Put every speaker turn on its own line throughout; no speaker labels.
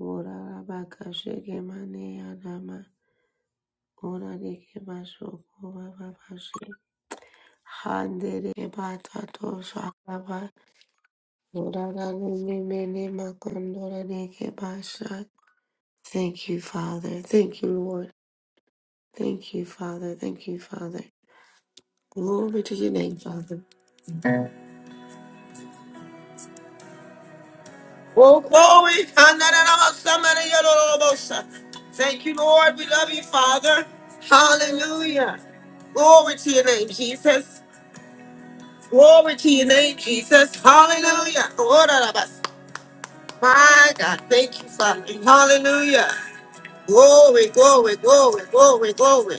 Urara bakashike mane adama. Urare ke basoko baba bashi. Handere ke batato shakaba. Urara nene mene makondora de basha. Thank you, Father. Thank you, Lord. Thank you, Father. Thank you, Father. Glory to your name, Father. Oh, glory. Thank you, Lord. We love you, Father. Hallelujah. Glory to your name, Jesus. Glory to your name, Jesus. Hallelujah. Lord of us. My God, thank you, Father. Hallelujah. Glory, glory, glory, glory, glory.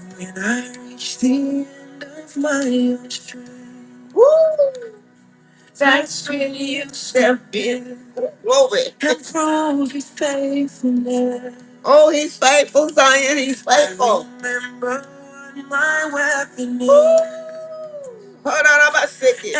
And I reach the- Woo! Glory. Oh, he's faithful, Zion. He's faithful. Hold on, I'm about sick.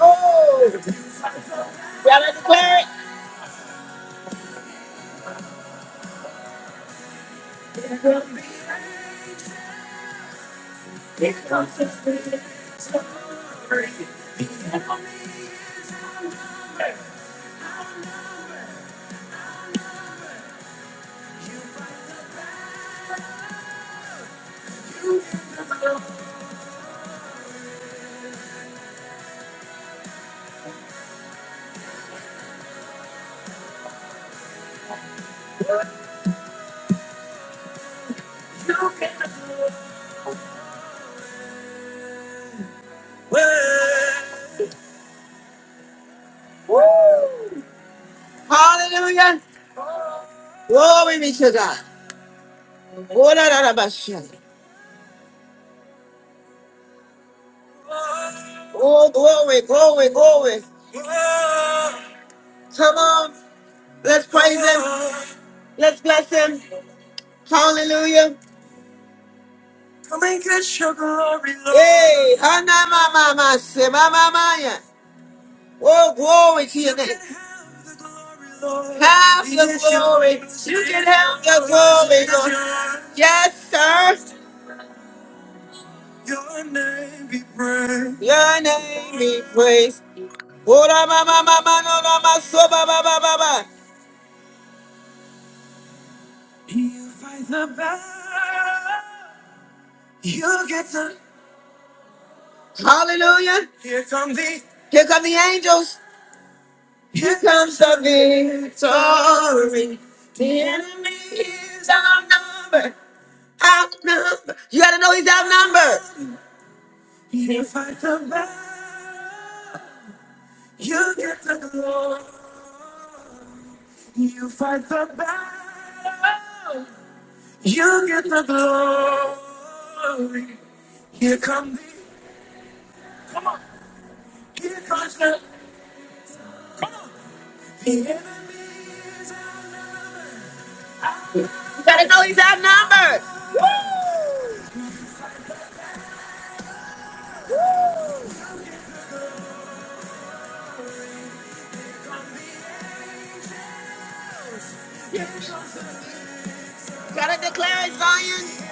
Oh, y'all like to declare it? Word. Hallelujah. Glory be to God. Lord of us. Oh, glory, glory, glory. Come on. Let's praise him. Let's bless him. Hallelujah. Hey, hana mama mama mama maya. Oh, glory to your name. Have the glory. You can have the glory, Lord. Yes, sir. Your name be praised. Ora mama mama no no ma so ba ba ba ba ba. You fight the battle. You get the Hallelujah. Here come the angels. Here comes the You gotta know he's outnumbered. You gotta declare it, Zion.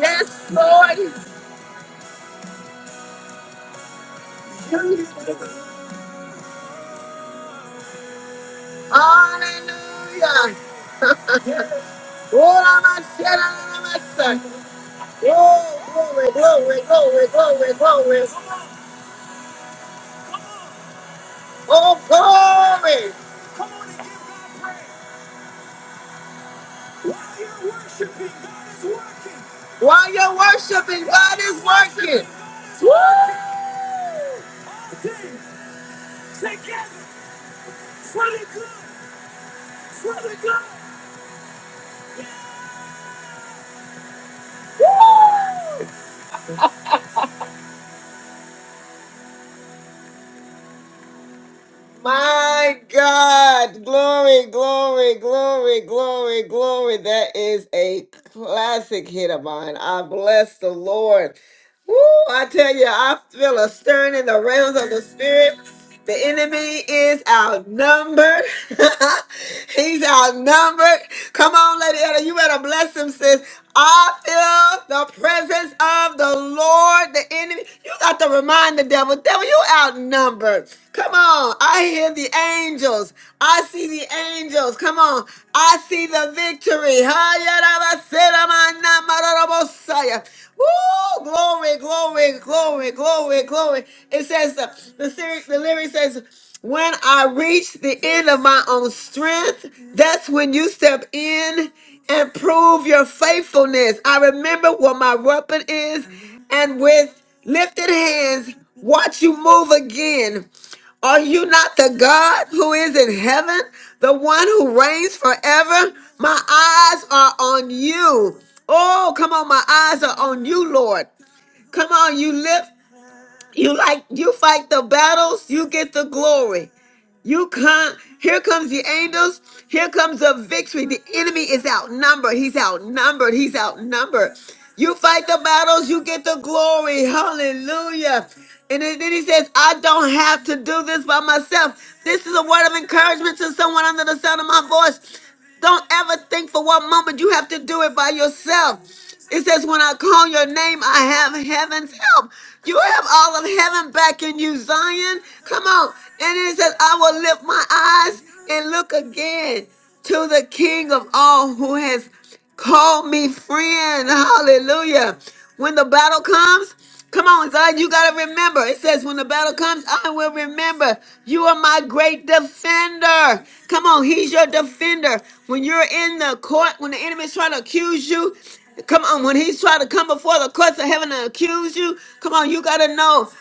Yes, Lord. Hallelujah. Oh, my son. Oh, glory, glory, glory, glory, glory. Oh, glory. While you're worshiping, God is working. My God. Glory, glory, glory, glory, glory. That is a classic hit of mine. I bless the Lord. Woo, I tell you, I feel a stirring in the realms of the spirit. The enemy is outnumbered. He's outnumbered. Come on, Lady Ella, you better bless him, sis. I feel the presence of the Lord, the enemy. You got to remind the devil, devil, you outnumbered. Come on. I hear the angels. I see the angels. Come on. I see the victory. Woo! Glory, glory, glory, glory, glory. It says uh, the lyric, the lyric says, "When I reach the end of my own strength, that's when you step in and prove your faithfulness. I remember what my weapon is, and with lifted hands, watch you move again. Are you not the God who is in heaven, the one who reigns forever? My eyes are on you. Oh, come on, my eyes are on you, Lord. Come on, you lift, you like, you fight the battles, you get the glory. You come, here comes the angels, here comes the victory. The enemy is outnumbered, he's outnumbered, he's outnumbered. You fight the battles, you get the glory. Hallelujah. And then then he says, I don't have to do this by myself. This is a word of encouragement to someone under the sound of my voice. Don't ever think for one moment you have to do it by yourself. It says, When I call your name, I have heaven's help. You have all of heaven back in you, Zion. Come on. And it says, I will lift my eyes and look again to the King of all who has. Call me friend. Hallelujah. When the battle comes, come on, Zion, you got to remember. It says, when the battle comes, I will remember. You are my great defender. Come on, he's your defender. When you're in the court, when the enemy's trying to accuse you, come on, when he's trying to come before the courts of heaven and accuse you, come on, you got to know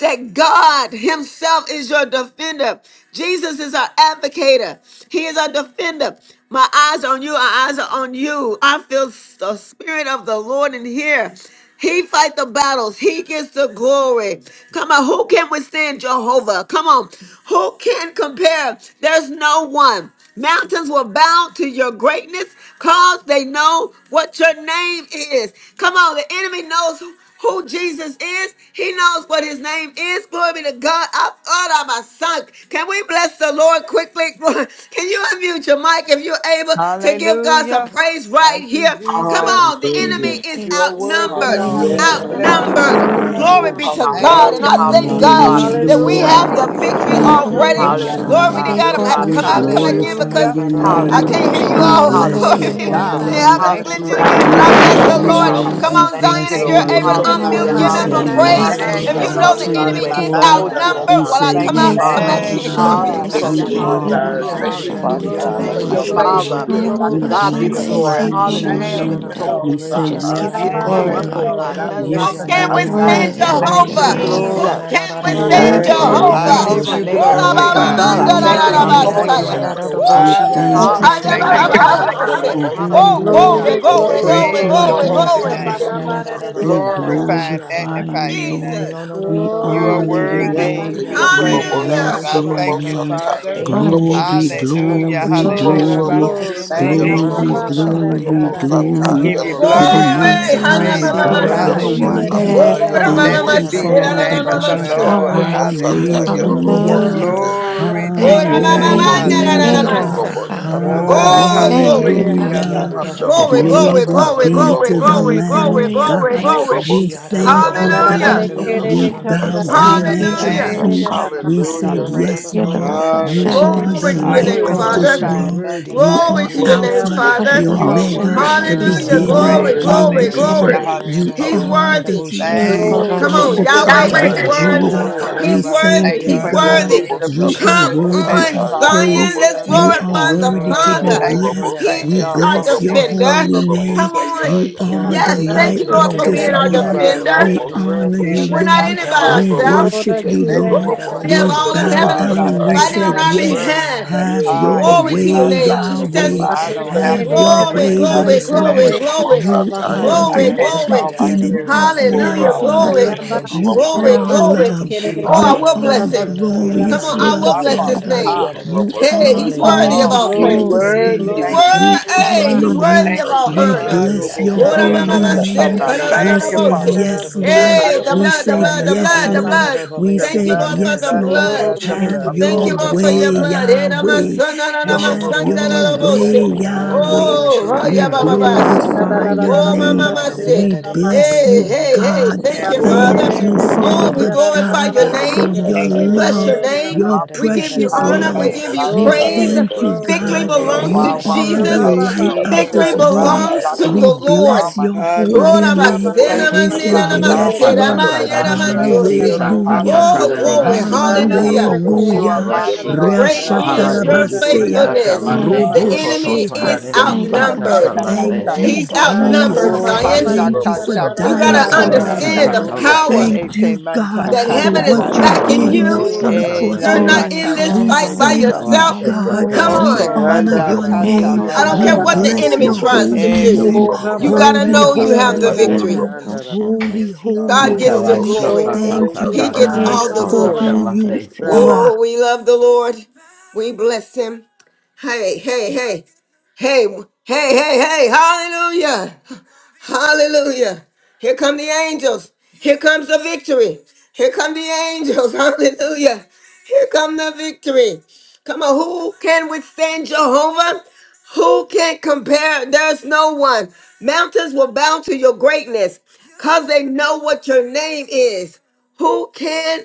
that God Himself is your defender. Jesus is our advocator, He is our defender. My eyes are on you, our eyes are on you. I feel the Spirit of the Lord in here. He fight the battles. He gets the glory. Come on, who can withstand Jehovah? Come on, who can compare? There's no one. Mountains will bow to your greatness because they know what your name is. Come on, the enemy knows who Jesus is. He knows what his name is. Glory be to God. I thought I my son. Can we bless the Lord quickly? Can you unmute your mic if you're able to give God some
Hallelujah.
praise right
Thank you,
here? Come
Jesus.
on, the
Thank
enemy
Hallelujah.
you,
is
You are
Jesus.
worthy,
outnumbered.
Glory.
Lord.
Hallelujah.
Amen,
Haya
We
Lord.
ba
God.
ba
Yes.
bless you
ba de
Outnumbered.
de
today.
de
Hallelujah.
da
Glory
Oh,
da
be
ba.
to
Thank
God.
hallelujah.
And
you.
Hallelujah.
I
Glory to
thank
God.
Hallelujah.
Thank you,
Hallelujah.
God
God be
Hallelujah.
the
that
Jesus.
we
glory.
have
Hallelujah.
Thank
the
Hallelujah.
you, God.
victory
Hallelujah.
Hallelujah.
Haya
Thank
ba
Thank
you
you,
ba
for
Oh,
ba
already.
Thank you,
ba
Father
de
supplying
Hallelujah.
Jesus.
Glory
Ekorosande,
all
Father.
de de
to
God
God.
de
my
God.
to
I'm
da
gonna
Thank
have
God
to
ba.
needs.
you,
We
be
come
Hallelujah.
the
out and come
glory.
back
ekorosande.
Father.
in
glorify
because
Hallelujah.
your
Oh, I
I
name.
Thank you
praise
can't
Hallelujah,
for
hear
Haya
your
you
being
ba
We
Jesus.
holy
my
ba
all.
ba de
bless
name.
de
Jehovah
Glory
Hallelujah,
your
Hallelujah,
holy
de
be
de
to
Lord
da
Jesus.
da
Ya
da
Jireh.
yeah,
God.
na
I've
ba.
name.
na na
been
Thank
da
you
da
Hallelujah.
glitching
for
da
I
Thank
da
you
again,
being
da
but
da
my
for
We
I
bless
the
ya
your
da
bless
Bless
da
love
name,
your
the
bo
you,
oh
Jehovah
victory,
name,
shi
Lord.
God.
ya
Father
da
Lord.
Rapha.
da.
Come
Jesus.
We
God.
on,
Thank
Zion,
you,
bless
if
Thank
you're
Thank
you,
Hele
you
Lord.
de
you,
for
You're
able
de
to
Lord.
de
being
Lord.
so
de
my
Ha
da
da
Hallelujah,
unmute,
ba
da
We
da
give
worthy to
bo
da
him
da
say
ya
some
Hallelujah.
da
da
be
protector.
da
da
hallelujah,
ya
da
yes,
praise.
da
Thank
da
ba.
you,
da
Thank
praised.
ya
If
Father
you,
hallelujah.
da
you
da
God,
know
Thank
ya
Lord,
Jesus.
the
to
for
na
Sashe
na
Hallelujah.
de
you.
God,
being
da
your
enemy
we
de
da
my
da
de
is
bo
de de
mind
shi
calling.
ya
exalt
da
da
you,
da
da
oh
da.
We
outnumbered,
ba.
regulator.
God.
while I
say
Thank
come
Hallelujah.
you,
out and
yes,
come
Ya
Father.
na
back
Father
na
Thank
in,
na
you,
na
God.
glory
na
be
na na
God,
to
Ekorosande,
na
God.
for
da
You
Hallelujah,
Victory
da
si,
da
is
are
bo bi
uh, uh,
ours.
hallelujah,
uh,
ya da da
Thank you,
ya da da
only
Father
ekorosande.
hallelujah.
ya
uh,
to
na
be
God.
na
Thank
for
Glory,
da da
you,
your
da
worshiped,
bo shi
favor
glory,
ya
Father.
Lord.
da da
being
Hallelujah.
ba ba
like
To
We
a
ya
glory.
da.
God be the
shield
bless
Ekorosande,
Hallelujah.
your
glory.
si,
around
holy
me.
Isha na na
Hallelujah. We
Thank
na
name.
da
Something
you,
da da
ekorosande.
Lord.
exalt
bo
We
about
you,
ba
We
that
ya
said,
God.
da da
just
Da
time,
da
ya
Yes,
give
da
you
da
ba
you
Lift
da
know,
ya
Father
about
Thank
da
you
da
glory,
da
da
up,
you,
ya
this
oh
God.
Lord
na
ke de
na
Lord.
day.
God.
da
de
I
God.
da
de
None
bo
de
bless
shi
Who
like
Yes,
your
ya
you,
da da
can
none
ba
I
name.
ba.
ya
Lord,
da da
praise
you
beside
withstand
ba
you.
ba.
Worthy,
your
I
are
give
worthy,
the
holy
you
Jehovah?
name.
Ya
worthy.
na
Who
glory.
na
Jesus,
Alpha
na da
can
da da da
Ba
ba
da
and
Your
Jesus.
da
ya
withstand
the
da
Worthy,
da
ke
da
de
worthy,
Hey,
da
word
da
I
is
ke
da
Jehovah?
to
de
bo
Call
worthy.
give
Omega,
da
be
the
you
shi
da
Woo!
ya
name
da
of
da ba
the
glory,
praised,
ya
Jesus.
na
God.
ba.
nobody.
God,
na
You
I
na.
are
Hallelujah.
beginning
thank
Haya
you
da
when I
worthy.
ke
Thank
and
Thank
you,
de
the
call
Thank
de
Jehovah
you
you
for
end.
answer,
God.
ba.
oh
waking
God.
me
We
up.
Lord
Hallelujah.
thank you,
Jesus, we
Thank you
Father
pray
for
Hallelujah.
God,
life, health,
Shandala
for
and
who
strength,
Yandarabasuriandididabasiti.
Oh,
you
Lord.
Mosataya
Hallelujah.
are
glory,
Glory,
Lola
glory,
glory,
what
glory,
Oh
Bosita.
Praise
you are
my
your
glory,
glory.
doing
God.
holy
Haya
glory.
for
name.
us,
Lola
baba ba ba
Lord.
da da da
Bosandala
We
da da da da ba
Glorify and
ha.
Mosataya
glorify
Lola
you,
magnify your name.
Lord.
Jesus.
We
Oh,
You
da
are
da
Glory
honor
da
to
da
you,
your
da da
worthy
ba
Bosita.
Lord.
to
name.
da
be
da da
We
Lola
praised, Lord.
Hallelujah.
bless
I
your
ba.
thank
Thank
you
you,
name.
today.
Mosataya
Father.
for
Lola
you,
Glory,
Jesus.
Bosita.
Hallelujah,
glory,
Glory,
hallelujah.
Lola
compassion,
glory,
glory.
Bosita
Thank
Haya
you,
mercy,
Lola
glory,
Rabasendidibash.
baba
Jesus.
ba ba da da
Bosandala
compassion.
da
glory,
da
I
ke da
glory
give
da
Mosataya
you
ba.
Lola
For
to the
the
glory, honor,
sin
Most
Bosita.
and
Glory.
we
High
praise.
see, the
Oh, ra
God
Hanamamamasha.
Ondala
ke
Hallelujah.
Russian,
ke da
Hallelujah.
Almighty.
da
the
da da
Mosataya
Ora
Lola
da da
Thank
mamama
corruption,
you,
Blessed be
da
the
Bosita.
da ba
Father
name of the
God.
seranamamaso.
our
Shandala
Lord.
worthy God.
Mosataya
Hallelujah.
Lola
Yandarabasuriandarabas.
Hallelujah.
Hallelujah.
Glory,
Bosita.
haya
Glory to
Thank
ba
your
Ora
you for
ya
name.
de
being
Hallelujah.
a
ke ya
Thank
da
you,
ba
defender,
Hallelujah.
Hallelujah.
mamamandararamasa.
ha.
Lord God.
Ala
Oh,
Oh,
de
Thank you,
glory.
ke ha
God,
da
for
da
hallelujah.
Hallelujah.
being a
Yandarabasoturiandididabas.
Glory,
defender.
glory,
Glory
glory,
da
be
Hallelujah.
glory,
to the
glory,
Lamb
glory,
of
Hallelujah.
glory,
Mm.
God.
Thank you,
glory.
We
Jesus.
thank
Oh,
you,
Thank
Glory,
Hallelujah.
God.
you,
We
hallelujah.
Russian. Thank
bow down
you,
at your
Hallelujah.
Thank
Yada
you,
feet.
Russian.
We
Jesus. I
said,
praise
Yes,
Thank
your
you,
Lord.
Jesus.
holy name.
You
Russian.
are the
Glory
Hallelujah.
to
Yanadadadabayadadadabashi,
I
your
light
Thank
name,
you,
of
Worthy,
the this
Father.
worthy,
glorify and
Russian.
world.
worthy.
You
magnify
Glory
your
are
to your
Yadadabushi,
name.
Glory
name,
to
Alpha,
your name.
the
Father.
yadadabayadadab-
You are
Omega,
Abdullahshand
Hallelujah.
the
worthy to
is
Hallelujah.
be
in
The
the
beginning
Glory,
praised.
word is
Roshan
and
to
the
glory,
is
be
Hallelujah.
end.
Hallelujah.
glory.
Yerabud.
You
praised.
Hallelujah.
He's
are the
Hallelujah.
worthy.
Ishanadadadadabayadadadabayananananananadabayadadabushi,
Lion
Thank you,
yadadabayada.
Come
of
on,
the
Yekorashan
Jesus. You
Yahweh
glory.
tribe
are
is
of
Shandalomosataya, the
worthy,
worthy.
Judah.
Lord.
Oh,
Robosita.
We
He's
Thank
worthy.
thank
you
you,
He's
for your
God.
worthy.
Rabasiandarabas.
spirit of
You
Yadadadadadadadadababayadadabayadadabushi,
peace
are
Come
that
worthy
surpasses
on,
of
Shandalomosataya, the
all
Zion.
praise.
yadadadadadadababayadadaba.
Let's
Robosi,
understanding,
You
Yerabud
are
glorify
God.
the
worthy to
Robosita.
be
Father.
Iandarabasandalabas.
Thank you
Glory,
for
blessed.
He
St.
Mosita,
We
is
John
our
Yellow,
bless your
14:27,
defender.
holy
Yonodadadadadadadabayadadabayadadabayadadabushi,
where you
name.
Come
yadadaba.
say, Your
on.
You
Shandalomosataya.
peace you
are
leave
the
Yes,
with us,
thank
light
you, Lord,
of
for
your
Honorable
this
being
Thank
peace
our
you
you,
Santa.
world.
give, not
defender.
Father.
We
as
Honorable
the world
honor
Santa.
Woo,
you,
Yadadabayadadabayadadayananananadabayadadabayadadabushi,
gives,
We're
let
not
not
in
Lord.
it
your
by
heart
We
be
Honorable
yadadadadadadabayadadabu-
troubled,
ourselves.
Santa.
worship
Andalobosata,
neither
you,
let it
Woo,
be
Thank
Yelobosita,
Lord.
afraid.
We have
Rolobosita,
We
all of
you,
bow
heaven
Father,
down
I
and we
thank you
fighting
said,
for
on our
your
Yes,
word
behalf.
today.
have
Ah,
Mm.
your
ye
Glory
way,
to your
Yelobosata, Yelobosata,
not
Father.
name,
I.
Yelobosita,
Jesus.
For
Yahweh.
I
Santa.
don't
Thank you,
have
Have
to be
your
Father.
Glory,
afraid.
way
I
with
glory,
us,
declare and
glory,
Lord.
decree,
Honorable
glory,
Father.
You
Santa.
are
I
glory,
the
Honorable
cast
Santa.
glory.
all my
beginning
cares
of
on you,
Hallelujah,
love,
Father.
Honorable
Father
Santa.
glory,
God.
For
Ayaba,
this
You
is
glory,
are
yours.
Yanamana,
This
glory.
is
love.
Kiri,
Andalobosata,
Oh,
you.
I
You
will
are
Kanada,
bless him.
Basta,
Come
Yanamaha.
glorious
on,
You
I
are
love,
will
my
bless
Yelobosita,
Father
his
Father,
Rolobosita, Yelobosata,
God.
Santa.
name.
ha.
Yelobosita, Yelobosita,
You
And you
Hey,
Andalobosata,
are
he's
supply
worthy
all
of
Hallelujah.
all
the
all
my
fruit
needs.
He's
of the
praise.
Glory,
Hey,
Spirit.
worthy.
He's
Hallelujah.
thank
worthy.
glory.
you,
We
Jesus.
Yelobosita, Yelobosita,
Hey,
Rolobosita, Andalobosata,
honor
Hayabaha.
he's
Hallelujah.
worthy
you.
Thank
of
you,
all
We
Yelobosita,
Jesus.
Yelobosita,
honor.
bless
Hallelujah.
Thank
Da
your
you,
da
Ora
da
mama, What am
Lord.
I,
da da
Who
Santa.
holy
mama
Marakara
shall
bushi
Arobosiandarabas.
come
said?
da
name.
da
now?
da
kere
da ah,
kere
da
We
da
Thank
re
ba
you,
re
said,
ya
Father.
ra
da
ra
da
ra
da da
ba
Yes,
bushi da
she
Lord.
Honorable
I
da
Mando
Hey,
ka
ba
the
ta
ya
We
bless
ra
da.
blood,
your
the
ra ra
said,
blood,
ra
name,
the
re ra
Yes,
Boshandarabas.
blood,
ra
Father.
the
Ya
ba
da
ha.
da
Lord.
da
blood.
ba ba
We
ya
The
da
Thank
da
you,
said,
da
blood,
ah,
Lord,
the
da
for
da
Yes,
the
blood,
da
the
da
Lord.
da
blood.
blood, the
bushi
Glory,
da
is
da
Have
blood.
ba ya
Thank
da
your
you,
da ba
glory.
Lord,
ya
for
da
All
way,
your
da
the
da da
blood.
blood
da
of
Eh,
da da da ba.
Jesus
Yahweh.
namasana,
cover my
na,
Isha
mind,
da
Have
da
my
namasanda,
da da ba
Santa,
your
ya
na,
thoughts.
da da da da
nabose.
ba
way,
ya da da da
Mando
da
Yahweh.
Alabarara
bushi
Oh,
da
oh,
da
Hallelujah.
We
yeah,
da
kere
ba,
da
ba,
Thank
da
all
ba
Honorable
ba,
kere
of
Santa.
ya
re
my
Bosuriandarabas.
da
sha.
da
ka ra
da.
glorify
ra
steps in
ra
your
ra
the
ra
oh,
ba
my
word,
name.
ta
Ya
mama
da
Lord.
she
da ba
re
ya
say,
ra
da
We
da
ra
Let
ba
ya
ha.
da
not
da
bless
any
ya
hey,
da
you,
da
be
hey,
da
hey,
lifted
da da da
God.
to
da
thank
da
have
ba
you,
Run
ya da da
dominion
Father.
Glory
da
Thank
of
the
be
da
you,
it.
da
to
Barakere
your
ba ya
kere
Oh,
da.
name.
we
Father
kere ra ra ra
glorify
God,
ra
your
ra
Ya
ra
da
name.
da
for
kere
your
re
Thank
We
you, Father.
da da
bless your
love,
kere
da
ra
da
name.
ba ha.
your
My
We
bayana
give
blessing,
da
you
precious
highly
honor.
bayana da
We
love.
Mm.
da
give
favored.
you
most
I
bushi
We
da da
entire
declare
ba
and
praise.
Glory,
thank you,
decree.
level.
glory,
Victory
God.
ya da
belongs
glory.
to
You
While I
da ba
walk
are
in
Dear
da
the
To
Jesus.
da ba ya da
level,
da
Hayababa
light
favor,
shut
baba
da
of
bushi
ha.
the
favor
Victory
this
most
da
Jesus.
surround
world.
me
bayana da.
belongs
like
entire
a
to
We
the
level.
shield. All
Lord.
bless
my
your
needs,
Hano
and
Glory
holy
Dear
Ayababa
name.
level,
Masena
baba
favor
sit
We
Boshandarabas.
bari
say,
your
Manena
シ
supplies
little
サ
all
Yes,
kere
bush,
タ
my
Namasera
タ
shut
Lord.
kere
タ
needs.
ra
the
ra
ラ
Maya
I
ra
レ
most
ra
レ
re
リ
declare
re
and
シ
entire.
ra
decree,
Namatose.
サ
it.
ba.
タタ
Hallelujah.
タ
Oh,
Dear
ラ
hallelujah.
レ
in
level,
リ
glory.
Thank
シ
you,
sit
ソ
Jesus.
Erobosiandarabas.
Glory.
your
the
コ
Hallelujah.
コ
little
コ
bush,
コ
You
コ
are
Hallelujah.
Roshan.
ラ
mighty
yellow
シ
God.
level,
You
Great
sun
ハ
are
the
ラ
Another
is
レレ
your
most
awesome
リ
entire.
シ
Rashatarabaseya.
サカ
faithfulness.
ラ
God. You
テ
Bosuriandarabas.
Dear
are God
The
ト
Dear
God,
トト
level,
enemy
Roboshe
トダ
sit
is
レ
your
リ
thank
シ
little
you,
bush,
Hasamba.
that
サ
God,
カ
shut
for
outnumbered.
cannot
ラ
die. Who shall condemn
the
us,
another
テ
Thank
most
day,
Thank
He's
you,
Satan?
you,
God.
entire.
You
ココ
Father.
outnumbered,
bless
ココ
Jesus.
Oh,
us
ラ
with.
Zion.
Dear
シ
Thank you
level,
for
sun
hashakata
the
You
You're
dying
サ
got
kata
to
カ
most
so
for
ラ
entire.
us,
シ
worthy,
understand
サ
kanata.
the
God.
Lord.
カ
Yandarabasori
ラ
Level,
テ
power
sit
Thank
Eke
you,
Andarabas.
God,
manta
コ
So
that
コ
for
worthy,
コ
heaven
kanda
コ
is
what
God.
コ
of
you
コ
lata.
backing
did
ラ
in
your
Praise,
the
シ
most
you.
サ
corner
Mm.
カ
E
ラ
cross
You're
for
テ
glory,
not
lata
us.
and
in this
kanda
honor,
We
fight
Lord
シ
by
sheke
カ
God.
thank
ラ
you,
mana.
yourself.
シ
entire. Shut
サ
God.
the
カ
Come
most
ラ
Hallelujah.
We
テ
Oko
on.
ト
honor
ト
manda
ダ
entire.
your
レリ
kata
リ
name.
Yandarabasori
I
シ
don't
We
サ
care
Yekorashan
カ
what
mandasa.
Andarabas.
the
ラ
is
bless
enemy
in
テ
your
tries to
holy
Yerabud.
コ
do.
Okay,
name.
コ
man,
ココ
You
that
ラ
is
got to
Holy,
シ
cool.
know
サ
you
カ
have
holy,
the
ラテ
Kesori
victory.
holy,
Yerabud
Oh,
Andarabas.
holy,
yes,
is
God,
God
I
holy,
gets the
Okala
bless you,
holy.
shi
name.
glory,
sa ta
Glory,
Thank
ta
Thank
you,
you,
He
ta
I
da di
gets
glory.
give
God,
di
you
all
Father.
the
shi
glory,
for
sa ka
glory.
honor,
who
and
la
in
you
Yerabud.
Thank you.
Rabba.
praise.
are.
Oh, we love the Lord. We bless Him. Hey, hey, hey. Hey, hey, hey, hey. Hallelujah. Hallelujah. Here come the angels. Here comes the victory. Here come the angels. Hallelujah. Here come the victory. Come on, who can withstand Jehovah? Who can compare? There's no one. Mountains will bow to your greatness because they know what your name is. Who can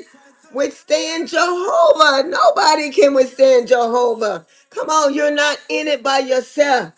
withstand Jehovah? Nobody can withstand Jehovah. Come on, you're not in it by yourself.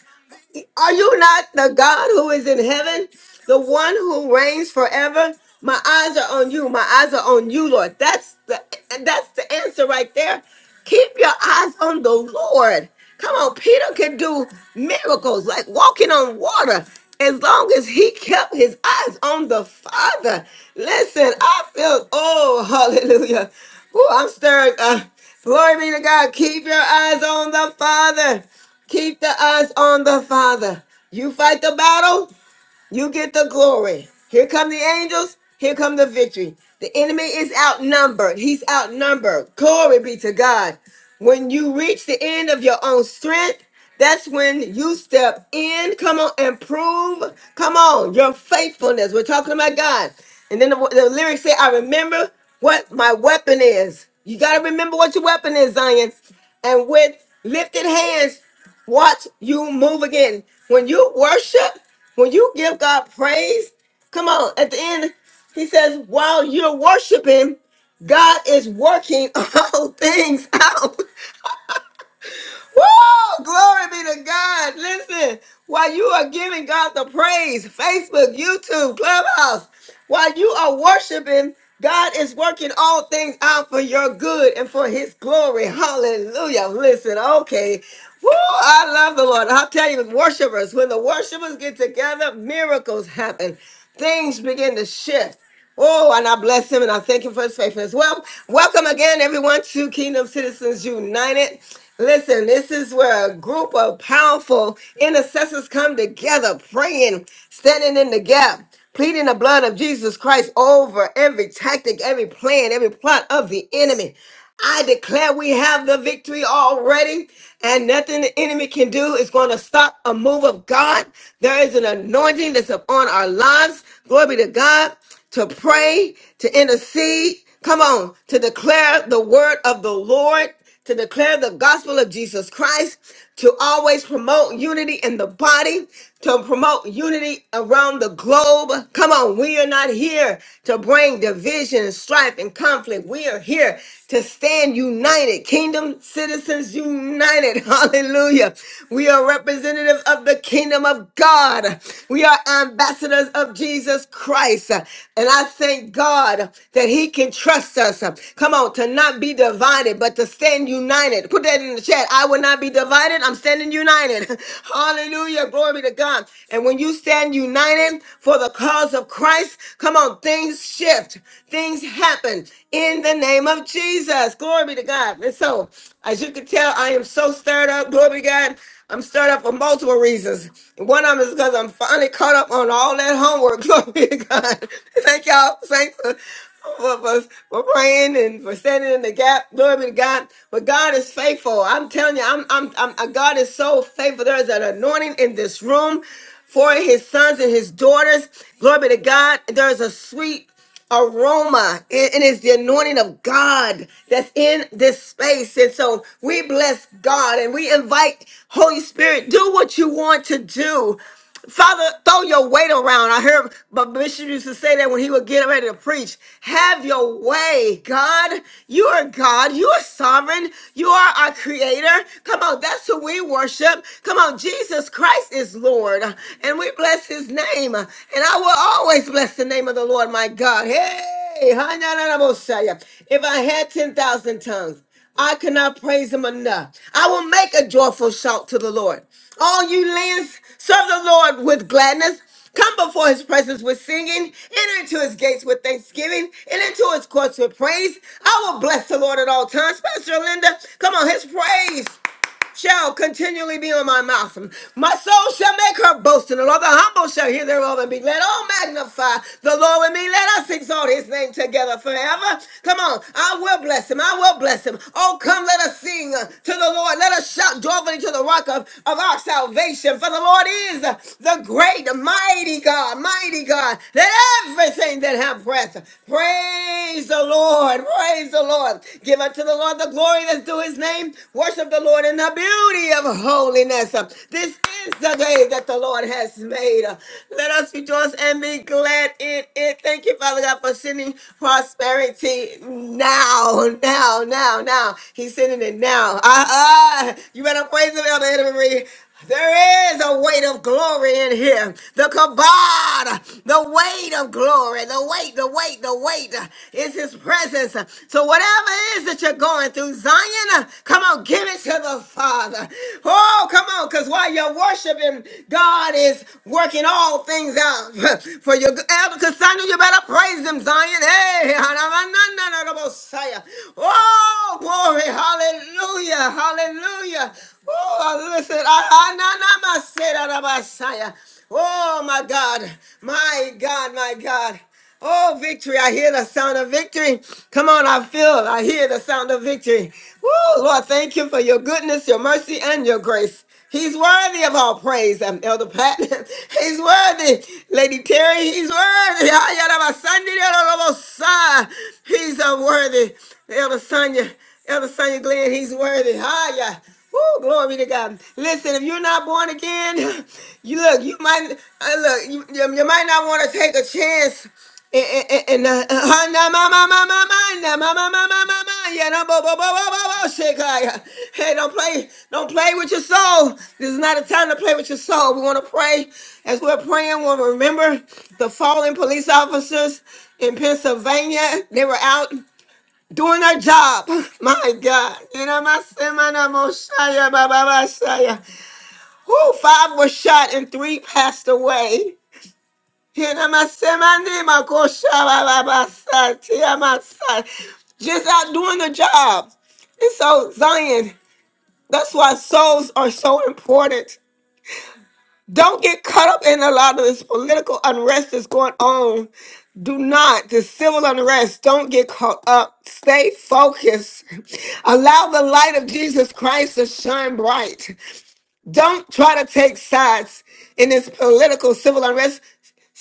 Are you not the God who is in heaven, the one who reigns forever? My eyes are on you. My eyes are on you, Lord. That's the that's the answer right there. Keep your eyes on the Lord. Come on, Peter could do miracles like walking on water as long as he kept his eyes on the Father. Listen, I feel oh hallelujah. Oh, I'm stirred. Uh, glory be to God. Keep your eyes on the Father. Keep the eyes on the Father. You fight the battle, you get the glory. Here come the angels. Here come the victory. The enemy is outnumbered. He's outnumbered. Glory be to God. When you reach the end of your own strength, that's when you step in. Come on and prove. Come on, your faithfulness. We're talking about God. And then the, the lyrics say, I remember what my weapon is. You got to remember what your weapon is, Zion. And with lifted hands, watch you move again. When you worship, when you give God praise, come on, at the end, he says, while you're worshiping, God is working all things out. Woo! Glory be to God. Listen, while you are giving God the praise, Facebook, YouTube, Clubhouse, while you are worshiping, God is working all things out for your good and for his glory. Hallelujah. Listen, okay. Woo, I love the Lord. I'll tell you, worshipers, when the worshipers get together, miracles happen. Things begin to shift. Oh, and I bless him and I thank him for his faithfulness. Well, welcome again, everyone, to Kingdom Citizens United. Listen, this is where a group of powerful intercessors come together, praying, standing in the gap, pleading the blood of Jesus Christ over every tactic, every plan, every plot of the enemy. I declare we have the victory already, and nothing the enemy can do is going to stop a move of God. There is an anointing that's upon our lives. Glory be to God to pray, to intercede. Come on, to declare the word of the Lord to declare the gospel of Jesus Christ, to always promote unity in the body, to promote unity around the globe. Come on, we are not here to bring division and strife and conflict. We are here to stand united, kingdom citizens united. Hallelujah. We are representatives of the kingdom of God. We are ambassadors of Jesus Christ. And I thank God that He can trust us. Come on. Come on, to not be divided, but to stand united. Put that in the chat. I will not be divided. I'm standing united. Hallelujah. Glory be to God. And when you stand united for the cause of Christ, come on, things shift. Things happen in the name of Jesus. Glory be to God. And so, as you can tell, I am so stirred up. Glory be to God. I'm stirred up for multiple reasons. One of them is because I'm finally caught up on all that homework. Glory be to God. Thank y'all. Thanks for, for, for praying and for standing in the gap. Glory be to God. But God is faithful. I'm telling you, I'm, I'm, I'm uh, God is so faithful. There is an anointing in this room for his sons and his daughters. Glory be to God. There is a sweet aroma. It, it is the anointing of God that's in this space. And so we bless God and we invite Holy Spirit, do what you want to do. Father, throw your weight around. I heard but Bishop used to say that when he would get ready to preach. Have your way, God. You are God. You are sovereign. You are our creator. Come on, that's who we worship. Come on, Jesus Christ is Lord. And we bless his name. And I will always bless the name of the Lord, my God. Hey, if I had 10,000 tongues. I cannot praise him enough. I will make a joyful shout to the Lord. All you lands, serve the Lord with gladness. Come before his presence with singing. Enter into his gates with thanksgiving. And into his courts with praise. I will bless the Lord at all times. Pastor Linda, come on, his praise shall continually be on my mouth. My soul shall make her boast in the Lord. The humble shall hear thereof and be glad. Oh, magnify the Lord with me. Let us exalt his name together forever. Come on. I will bless him. I will bless him. Oh, come, let us sing uh, to the Lord. Let us shout joyfully to the rock of, of our salvation. For the Lord is uh, the great, mighty God, mighty God. Let everything that have breath praise the Lord. Praise the Lord. Give unto the Lord the glory the glory that's due his name. Worship the Lord in the beauty of holiness. Uh, This is the day that the Lord has made. Uh, Let us rejoice and be glad in it. Thank you, Father God, for sending prosperity now, now, now, now. He's sending it now. Ah, ah. You better praise him, Elder Henry. There is a weight of glory in here. The kabod, the weight of glory, the weight, the weight, the weight is his presence. So whatever it is that you're going through, Zion, come on, give it to the Father. Oh, come on, because while you're worshiping, God is working all things out for your good. Elder Cassandra, you better praise him, Zion. Hey, hanamanananabosaya. oh, glory, hallelujah, hallelujah. Oh, listen, I, I, na, na, ma, se, da, da, ba, sa, oh my God, my God, my God. Oh, victory. I hear the sound of victory. Come on, I feel, it. I hear the sound of victory. Woo, Lord, thank you for your goodness, your mercy, and your grace. He's worthy of all praise, um, Elder Pat. He's worthy, Lady Terry. He's worthy. Ah, ya, He's uh, worthy, Elder Sonia. Elder Sonia Glenn, he's worthy. Hiya. Woo, glory to God. Listen, if you're not born again, you look, you might uh, look, you, you, you might not want to take a chance. And, and, and uh, uh, uh, na, ma, ma, ma, ma, ma, na, ma, ma, ma, ma, ma, ma, ya, na, bo, bo, bo, bo, bo, bo, shakaya. Hey, don't play, don't play with your soul. This is not a time to play with your soul. We want to pray. As we're praying, we will remember the fallen police officers in Pennsylvania. They were out doing our job. My God. You know, my sin, my name, Oshaya, ba ba Yinamasemanamoshaya bababashaya. Who five were shot and three passed away. You know, my sin, my name, my Kosha, ba ba ba sa Yinamasemanimakoshabababasatiyamasa. Just out doing the job. And so, Zion, that's why souls are so important. Don't get caught up in a lot of this political unrest that's going on. Do not, this civil unrest, don't get caught up. Stay focused. Allow the light of Jesus Christ to shine bright. Don't try to take sides in this political civil unrest.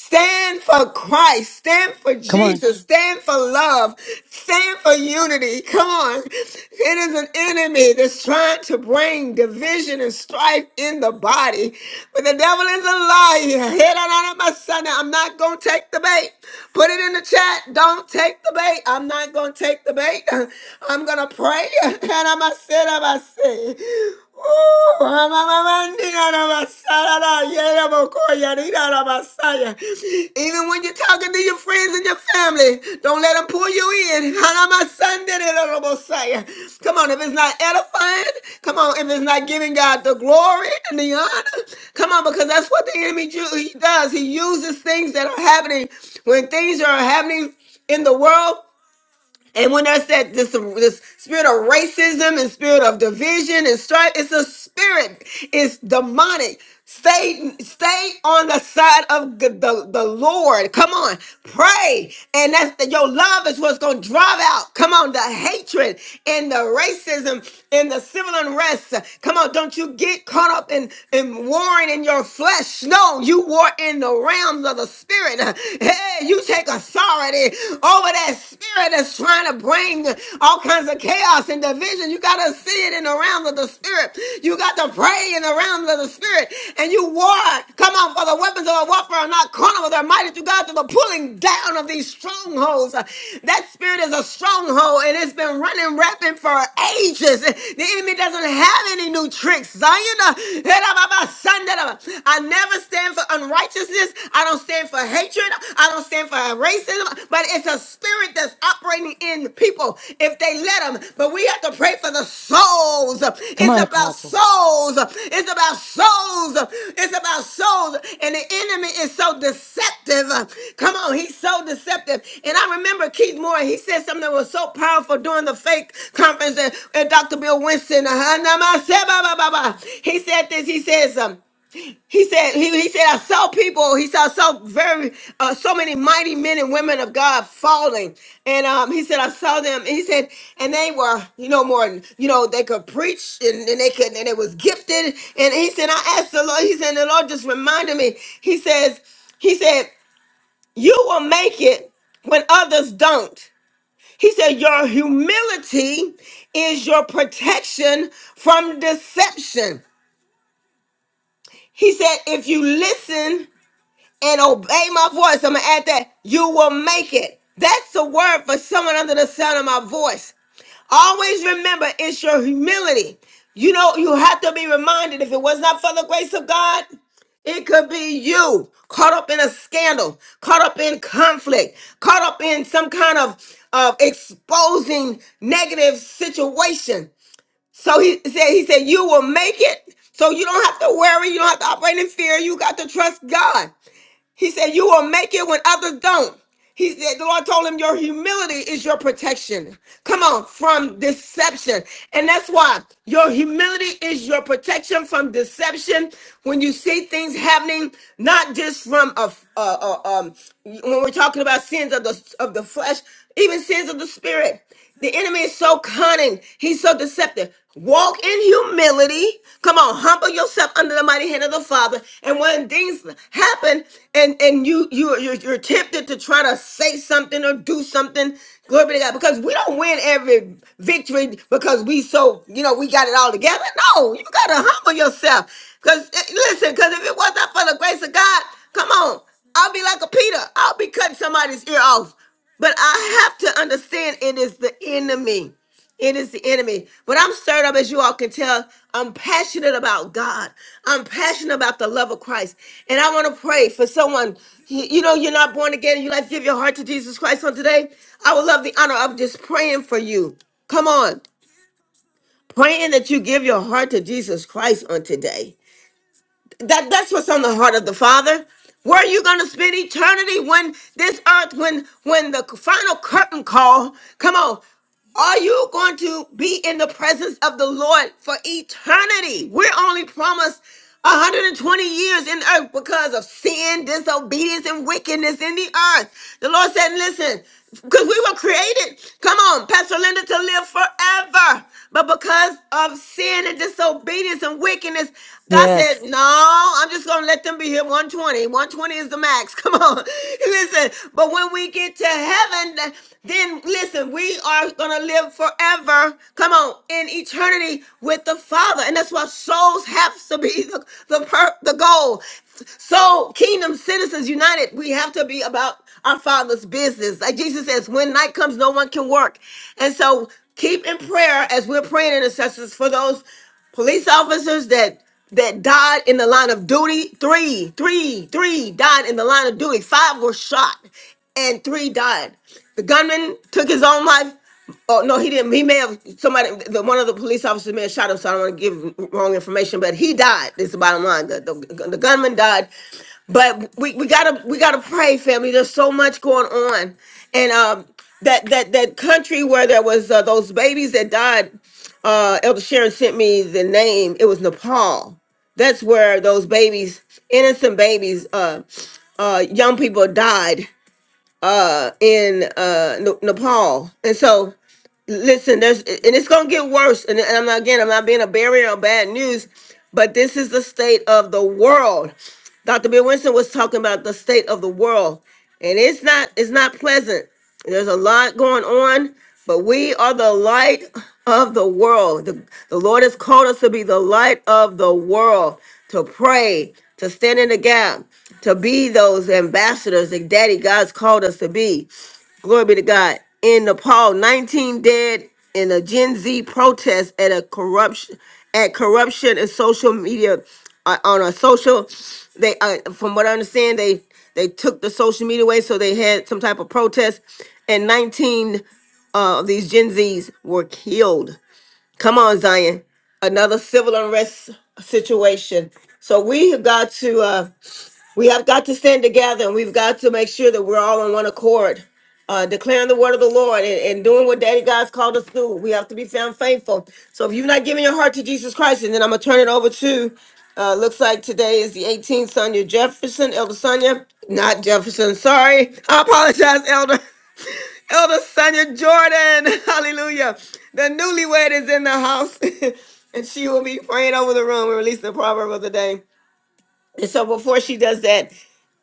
Stand for Christ. Stand for
Come on.
Jesus. Stand for love. Stand for unity. Come on. It is an enemy that's trying to bring division and strife in the body. But the devil is a liar. Head on out of my son. I'm not going to take the bait. Put it in the chat. Don't take the bait. I'm not going to take the bait. I'm going to pray. And I'm going to sit. I'm going to sit. Ooh, I'm a- I'm a- I'm a- I'm a- Even when you're talking to your friends and your family, Hey, Don't let them pull you in. Hanamasandelelobosaya. Come on, if it's not edifying, come on, if it's not giving God the glory and the honor, come on, because that's what the enemy ju- he does. He uses things that are happening when things are happening in the world. And when there's that this this spirit of racism and spirit of division and strife, it's a spirit. It's demonic. Stay stay on the side of g- the, the Lord. Come on, pray, and that's the, your love is what's going to drive out. Come on, the hatred and the racism and the civil unrest. Come on, don't you get caught up in in warring in your flesh. No, you war in the realms of the spirit. Hey, you take a authority over that spirit that's trying to bring all kinds of chaos and division. You got to see it in the realm of the spirit. You got to pray in the realm of the spirit. And you war. Come on, for the weapons of our warfare are not carnal, they're mighty through God to the pulling down of these strongholds. That spirit is a stronghold and it's been running rampant for ages. The enemy doesn't have any new tricks. Zion, uh, I never stand for unrighteousness injustice. I don't stand for hatred. I don't stand for racism. But it's a spirit that's operating in people if they let them. But we have to pray for the souls.
Come
It's
on,
about
Apostle.
souls. It's about souls. It's about souls. And the enemy is so deceptive. Come on, he's so deceptive. And I remember Keith Moore. He said something that was so powerful during the fake conference. And, and Dr. Bill Winston. uh, He said this. He says. um, he said, he, he said, I saw people, he saw so very, uh, so many mighty men and women of God falling. And um, he said, I saw them. He said, and they were, you know, more, you know, they could preach and, and they could, and it was gifted. And he said, I asked the Lord, he said, the Lord just reminded me, he says, he said, you will make it when others don't. He said, your humility is your protection from deception. He said, if you listen and obey my voice. I'm gonna add that you will make it. That's the word for someone under the sound of my voice. Always remember it's your humility. You know, you have to be reminded if it was not for the grace of God, it could be you caught up in a scandal, caught up in conflict, caught up in some kind of of exposing negative situation. So he said, he said, you will make it. So you don't have to worry, you don't have to operate in fear. You got to trust God. He said, You will make it when others don't. He said, The Lord told him, Your humility is your protection. Come on, from deception. And that's why your humility is your protection from deception. When you see things happening, not just from a, a, a- um, when we're talking about sins of the, of the flesh, even sins of the spirit. The enemy is so cunning. He's so deceptive. Walk in humility. Come on, humble yourself under the mighty hand of the Father. And when things happen, and and you you you're, you're tempted to try to say something or do something, glory be to God. Because we don't win every victory because we so you know we got it all together. No, you gotta humble yourself. Because listen, because if it wasn't for the grace of God, come on, I'll be like a Peter. I'll be cutting somebody's ear off. But I have to understand it is the enemy. It is the enemy. But I'm stirred up, as you all can tell. I'm passionate about God. I'm passionate about the love of Christ. And I want to pray for someone. You you know, you're not born again. You like to give your heart to Jesus Christ on today. I would love the honor of just praying for you. Come on. Praying that you give your heart to Jesus Christ on today that that's what's on the heart of the father where are you going to spend eternity when this earth when when the final curtain call come on are you going to be in the presence of the Lord for eternity? We're only promised 120 years in earth because of sin, disobedience, and wickedness in the earth. The Lord said, Listen, because we were created, come on, Pastor Linda, to live forever. But because of sin and disobedience and wickedness, God said,
Yes.
No, I'm just going to let them be here 120. 120 is the max climax. Come on. Listen, but when we get to heaven, then listen, we are going to live forever. Come on, in eternity with the Father. And that's why souls have to be the, the, per, the goal. So, kingdom citizens united, we have to be about our Father's business. Like Jesus says, when night comes, no one can work. And so, keep in prayer as we're praying intercessors for those police officers that that died in the line of duty three three three died in the line of duty five were shot and three died the gunman took his own life oh no he didn't he may have somebody the one of the police officers may have shot him so i don't want to give wrong information but he died is the bottom line the, the, the gunman died but we, we gotta we gotta pray, family. There's so much going on, and um, that that that country where there was uh, those babies that died. Uh, Elder Sharon sent me the name. It was Nepal. That's where those babies, innocent babies, uh, uh, young people died uh, in uh, Ne- Nepal, and so listen there's and it's gonna get worse and, and i'm not again i'm not being a barrier of bad news but this is the state of the world dr bill winston was talking about the state of the world and it's not it's not pleasant there's a lot going on but we are the light of the world the, the lord has called us to be the light of the world to pray to stand in the gap to be those ambassadors that daddy god's called us to be glory be to God, in Nepal, 19 dead in a Gen Z protest at a corruption at corruption and social media uh, on a social they uh, from what I understand they they took the social media away so they had some type of protest and 19 uh, of these Gen Zs were killed. Come on Zion, another civil unrest situation. So we have got to uh we have got to stand together and we've got to make sure that we're all on one accord, uh, declaring the word of the Lord and, and doing what Daddy God's called us to do. We have to be found faithful. So if you're not giving your heart to Jesus Christ, and then I'm going to turn it over to, uh, looks like today is the 18th, Sonia Jefferson, Elder Sonia, not Jefferson, sorry. I apologize, Elder. Elder Sonia Jordan, hallelujah. The newlywed is in the house, and she will be praying over the room and releasing the proverb of the day. And so before she does that,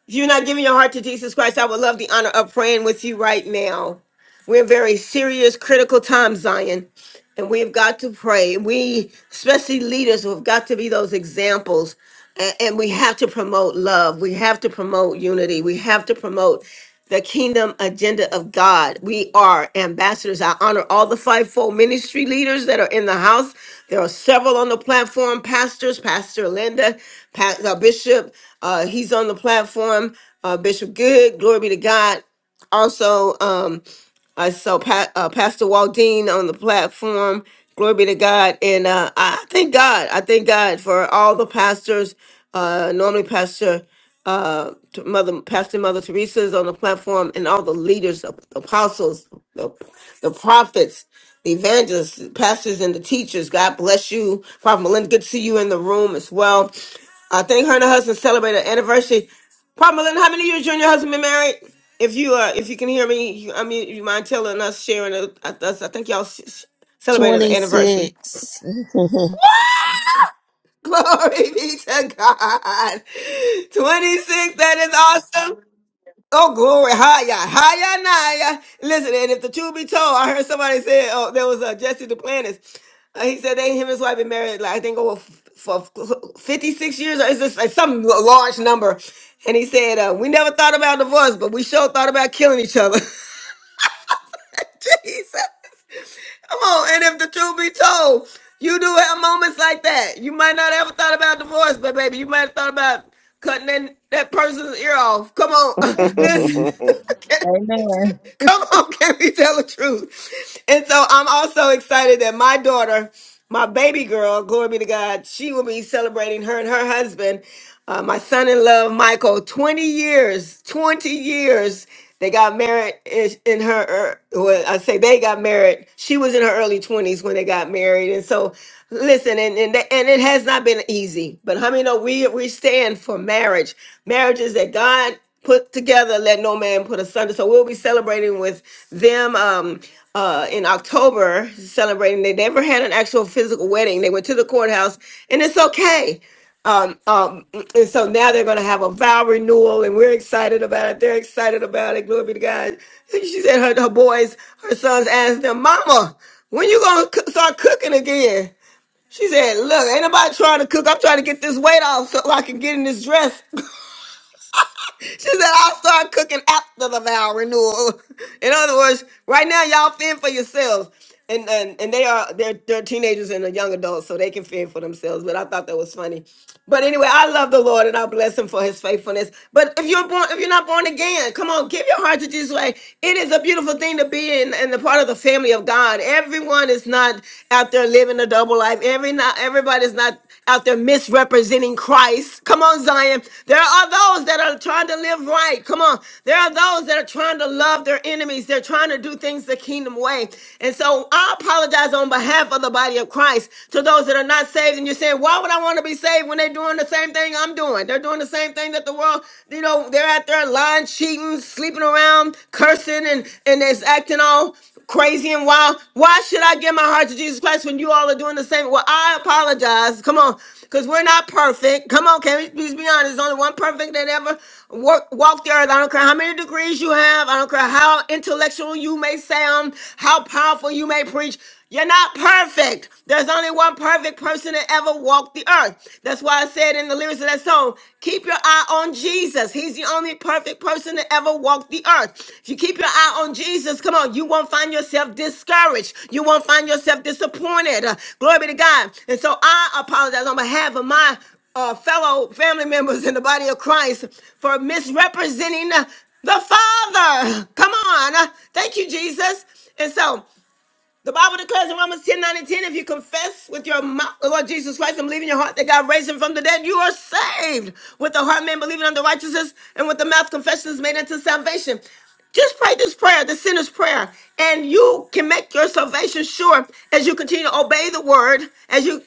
if you're not giving your heart to Jesus Christ, I would love the honor of praying with you right now. We're in very serious, critical times, Zion, and we've got to pray. We, especially leaders, have got to be those examples. a- And we have to promote love. We have to promote unity. We have to promote the kingdom agenda of God. We are ambassadors. I honor all the fivefold ministry leaders that are in the house. There are several on the platform pastors, Pastor Linda, Pa- uh, Bishop, uh, he's on the platform, uh, Bishop Good, glory be to God. Also, um, I saw pa- uh, Pastor Waldine on the platform. Glory be to God. And uh, I thank God. I thank God for all the pastors. Uh, normally, Pastor uh, T- Mother, Pastor Mother Teresa is on the platform, and all the leaders, the apostles, the, the prophets, the evangelists, the pastors, and the teachers. God bless you. Prophet Melinda, good to see you in the room as well. I think her and her husband celebrated an anniversary. Prophet Melinda, how many years you and your husband been married? If you uh, if you can hear me, you, I mean, you mind telling us, sharing it with us? I think y'all s- s- celebrated an anniversary.
26.
Glory be to God. 26, that is awesome. Oh, glory. Hiya. Hiya, Naya. Listen, and if the truth be told, I heard somebody say, oh, there was uh, Jesse the Planets. Uh, he said they him and his wife been married like I think over f- for fifty six years or is this like some l- large number? And he said uh, we never thought about divorce, but we sure thought about killing each other. Jesus, Come on, and if the truth be told, you do have moments like that. You might not ever thought about divorce, but baby, you might have thought about cutting that, that person's ear off. Come on, listen.
Amen.
Can-
Amen.
Come on, can we tell the truth? And so I'm also excited that my daughter, my baby girl, glory be to God, she will be celebrating her and her husband. Uh, my son in law Michael, 20 years, 20 years. They got married is- in her, er, well, I say they got married. She was in her early 20s when they got married. And so, listen, and, and, that- and it has not been easy. But how many know we, we stand for marriage? Marriages that God put together, let no man put asunder. So we'll be celebrating with them um, uh, in October, celebrating. They never had an actual physical wedding. They went to the courthouse, and it's okay. Um, um, and so now they're going to have a vow renewal, and we're excited about it. They're excited about it. Glory be to God. She said her, her boys, her sons asked them, Mama, when you going to start cooking again? She said, Look, ain't nobody trying to cook. I'm trying to get this weight off so I can get in this dress. She said, I'll start cooking after the vow renewal. In other words, right now y'all fend for yourselves. And, and and they are they're they're teenagers and a young adult, so they can fend for themselves. But I thought that was funny. But anyway, I love the Lord and I bless him for his faithfulness. But if you're born if you're not born again, come on, give your heart to Jesus. Like it is a beautiful thing to be in and the part of the family of God. Everyone is not out there living a double life. Every not everybody's not out there misrepresenting Christ. Come on, Zion. There are those that are trying to live right. Come on. There are those that are trying to love their enemies. They're trying to do things the kingdom way. And so I apologize on behalf of the body of Christ to those that are not saved. And you're saying, why would I want to be saved when they're doing the same thing I'm doing? They're doing the same thing that the world, you know, they're out there lying, cheating, sleeping around, cursing, and, and it's acting all crazy and wild. Why should I give my heart to Jesus Christ when you all are doing the same? Well, I apologize. Come on, because we're not perfect. Come on, can we please be honest? There's only one perfect that ever walk, walked the earth. I don't care how many degrees you have. I don't care how intellectual you may sound, how powerful you may preach. You're not perfect. There's only one perfect person that ever walked the earth. That's why I said in the lyrics of that song, keep your eye on Jesus. He's the only perfect person that ever walked the earth. If you keep your eye on Jesus, come on, you won't find yourself discouraged. You won't find yourself disappointed. Uh, glory be to God. And so I apologize on behalf of my uh, fellow family members in the body of Christ for misrepresenting uh, the Father. Come on. Uh, Thank you, Jesus. And so the Bible declares in Romans 10, nine, and 10, if you confess with your mouth the Lord Jesus Christ and believe in your heart that God raised him from the dead, you are saved. With the heart man believing unto righteousness, and with the mouth confession is made unto salvation. Just pray this prayer, the sinner's prayer, and you can make your salvation sure as you continue to obey the word, as you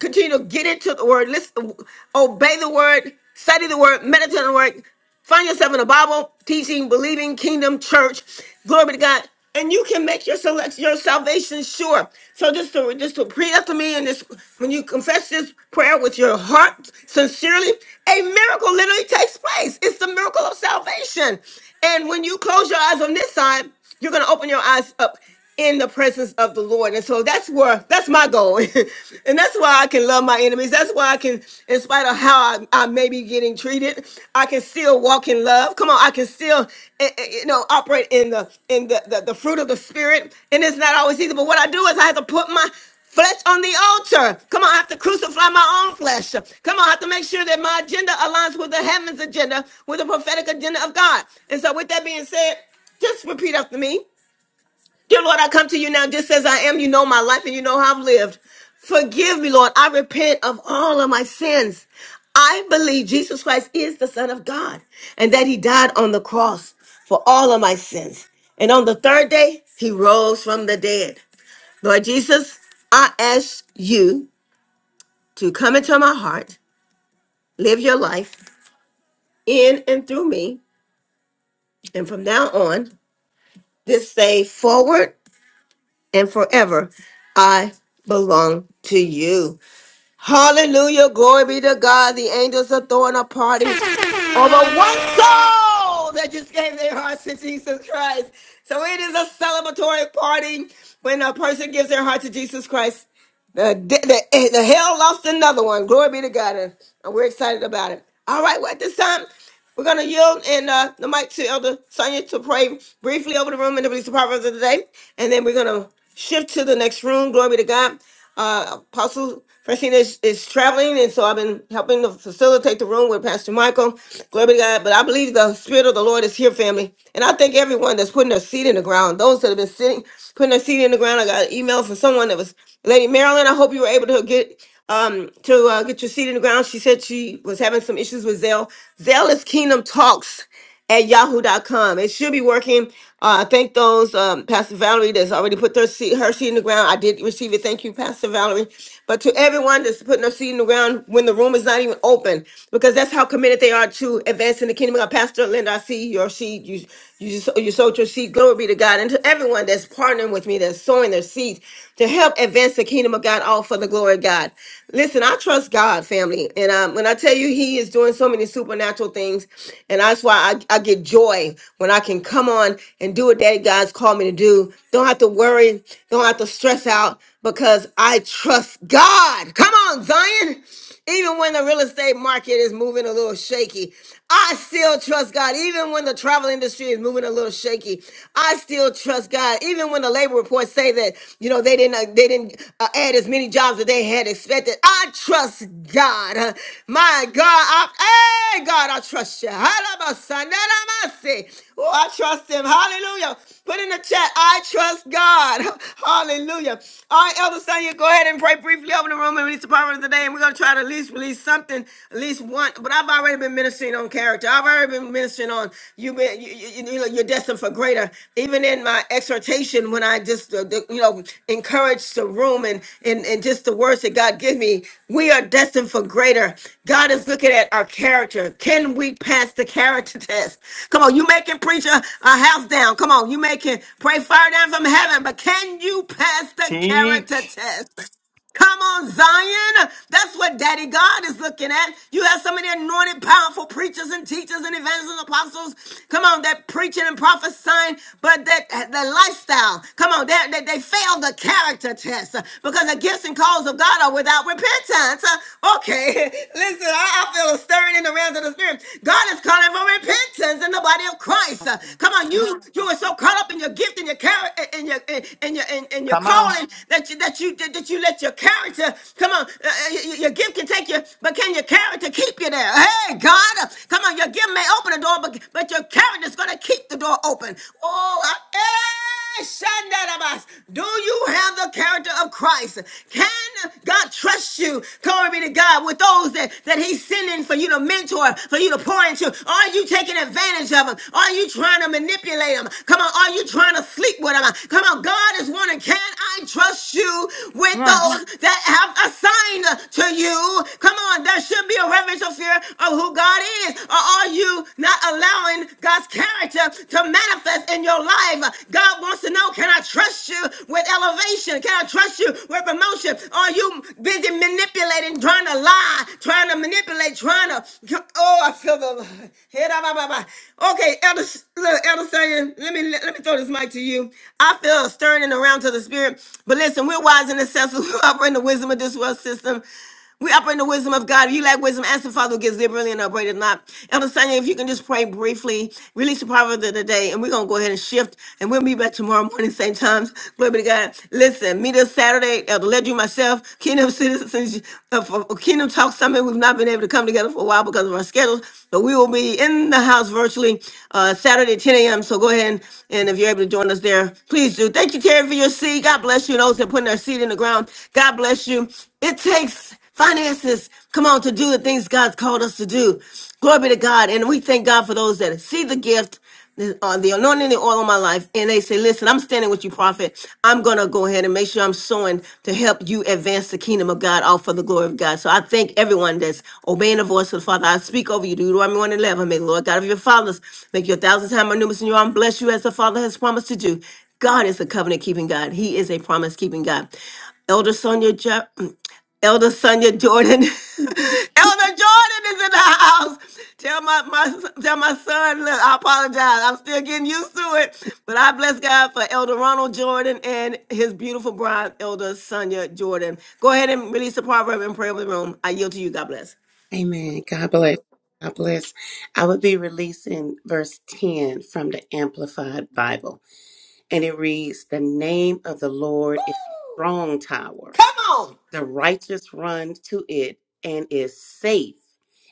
Continue to get into the word. Listen, obey the word. Study the word. Meditate on the word. Find yourself in the Bible, teaching, believing, kingdom, church. Glory be to God. And you can make your select your salvation sure. So just to just to pray after me and this when you confess this prayer with your heart sincerely, a miracle literally takes place. It's the miracle of salvation. And when you close your eyes on this side, you're going to open your eyes up in the presence of the Lord. And so that's where that's my goal. and that's why I can love my enemies. That's why I can, in spite of how I, I may be getting treated, I can still walk in love. Come on, I can still eh, eh, you know operate in the in the, the, the fruit of the spirit. And it's not always easy, but what I do is I have to put my Flesh on the altar. Come on, I have to crucify my own flesh. Come on, I have to make sure that my agenda aligns with the heavens agenda, with the prophetic agenda of God. And so, with that being said, just repeat after me. Dear Lord, I come to you now just as I am. You know my life and you know how I've lived. Forgive me, Lord. I repent of all of my sins. I believe Jesus Christ is the Son of God and that he died on the cross for all of my sins. And on the third day, he rose from the dead. Lord Jesus, I ask you to come into my heart, live your life in and through me. And from now on, this day forward and forever, I belong to you. Hallelujah. Glory be to God. The angels are throwing a party. over one soul that just gave their hearts to Jesus Christ. So it is a celebratory party when a person gives their heart to Jesus Christ. The, the, the hell lost another one. Glory be to God. And we're excited about it. All right, well, at this time, we're going to yield and uh, the mic to Elder Sonia to pray briefly over the room and the release the proverbs of the day. And then we're going to shift to the next room. Glory be to God. Uh, Apostle Francina is, is traveling, and so I've been helping to facilitate the room with Pastor Michael. Glory be to God. But I believe the Spirit of the Lord is here, family. And I thank everyone that's putting their seed in the ground. Those that have been sitting, putting their seed in the ground. I got an email from someone that was Lady Marilyn. I hope you were able to get um to uh, get your seed in the ground. She said she was having some issues with Zell. Zell is Kingdom Talks at yahoo.com. It should be working. Uh, I thank those, um, Pastor Valerie, that's already put their seed, her seed in the ground. I did receive it. Thank you, Pastor Valerie. But to everyone that's putting their seed in the ground when the room is not even open, because that's how committed they are to advancing the kingdom of God. Pastor Linda, I see your seed. You, you, just, you sowed your seed. Glory be to God. And to everyone that's partnering with me, that's sowing their seeds to help advance the kingdom of God, all for the glory of God. Listen, I trust God, family. And um, when I tell you he is doing so many supernatural things, and that's why I, I get joy when I can come on and do what that God's called me to do. Don't have to worry, don't have to stress out because I trust God. Come on, Zion. Even when the real estate market is moving a little shaky, I still trust God. Even when the travel industry is moving a little shaky, I still trust God. Even when the labor reports say that you know they didn't uh, they didn't uh, add as many jobs that they had expected, I trust God. Uh, My God, I, hey God, I trust you. Halabasa, nanamase. Oh, I trust Him. Hallelujah. Put in the chat, I trust God. Hallelujah. All right, Elder Sonia, go ahead and pray briefly over the room and release the power of the day. And we're going to try to at least release something, at least one. But I've already been ministering on character. I've already been ministering on you, been, you, you, you know, you're destined for greater. Even in my exhortation, when I just, uh, the, you know, encourage the room and, and, and just the words that God give me. We are destined for greater. God is looking at our character. Can we pass the character test? Come on, you making preacher a house down. Come on, you making pray fire down from heaven, but can you pass the character
Teach.
test? Come on, Zion. That's what Daddy God is looking at. You have some of the anointed, powerful preachers and teachers and evangelists and apostles. Come on, that preaching and prophesying, but that the lifestyle. Come on, they, they, they fail the character test uh, because the gifts and calls of God are without repentance. Uh, Okay, listen, I, I feel a stirring in the realms of the spirit. God is calling for repentance in the body of Christ. Uh,
Apostle.
Come on, you you were so caught up in and your gift and your character and your and, and your and, and your
Come on.
calling that you that you that you let your character come on. uh, uh, your, your gift can take you, but can your character keep you there? Hey, God, uh, come on. Your gift may open the door, but but your character's gonna keep the door open. Oh, I, Hey, Shandarabas. Do you have the character of Christ? Can God trust you? Glory be to God with those that, that He's sending for you to mentor, for you to pour into. Are you taking advantage of them? Are you trying to manipulate them? Come on, are you trying to sleep with them? Come on, God is wondering, Can I trust you
Come
with
on.
those that have assigned to you? Come on, there should be a reverential fear of who God is. Or are you not allowing God's character? to, to manifest in your life. God wants to know, can I trust you with elevation? Can I trust you with promotion? Are you busy manipulating, trying to lie, trying to manipulate, trying to, oh, I feel the, head up, up, up, up. okay, Elder, look, Elder Sagan, let me, let me throw this mic to you. I feel a stirring around to the spirit, but listen, we're wise and accessible, we operate in the wisdom of this world system. We operate in the wisdom of God. If you lack wisdom, ask the Father who gives liberally and upbraideth not. Elder Sonia, if you can just pray briefly, release the proverb of the day, and we're going to go ahead and shift, and we'll be back tomorrow morning, same times. Glory be to God. Listen, meet us Saturday, Elder Ledru, myself, Kingdom Citizens, uh, for Kingdom Talk Summit. We've not been able to come together for a while because of our schedules, but we will be in the house virtually uh, Saturday, 10 a.m. So go ahead, and, and if you're able to join us there, please do. Thank you, Terry, for your seed. God bless you. And those that are putting their seed in the ground, God bless you. It takes finances, come on, to do the things God's called us to do. Glory be to God. And we thank God for those that see the gift, the, uh, the anointing, the oil on my life, and they say, listen, I'm standing with you, prophet. I'm going to go ahead and make sure I'm sowing to help you advance the kingdom of God, all for the glory of God. So I thank everyone that's obeying the voice of the Father. I speak over you, Deuteronomy 1 11. May the Lord God of your fathers make you a thousand times more numerous in your arm. Bless you as the Father has promised to do. God is a covenant keeping God. He is a promise keeping God. Elder Sonia Elder Sonia Jordan. Elder Jordan is in the house. Tell my, my tell my son, look, I apologize. I'm still getting used to it. But I bless God for Elder Ronald Jordan and his beautiful bride, Elder Sonia Jordan. Go ahead and release the proverb and pray over the room. I yield to you. God bless.
Amen. God bless. God bless. I would be releasing verse 10 from the Amplified Bible. And it reads The name of the Lord is a
Woo!
strong tower.
Come on.
The righteous run to it and is safe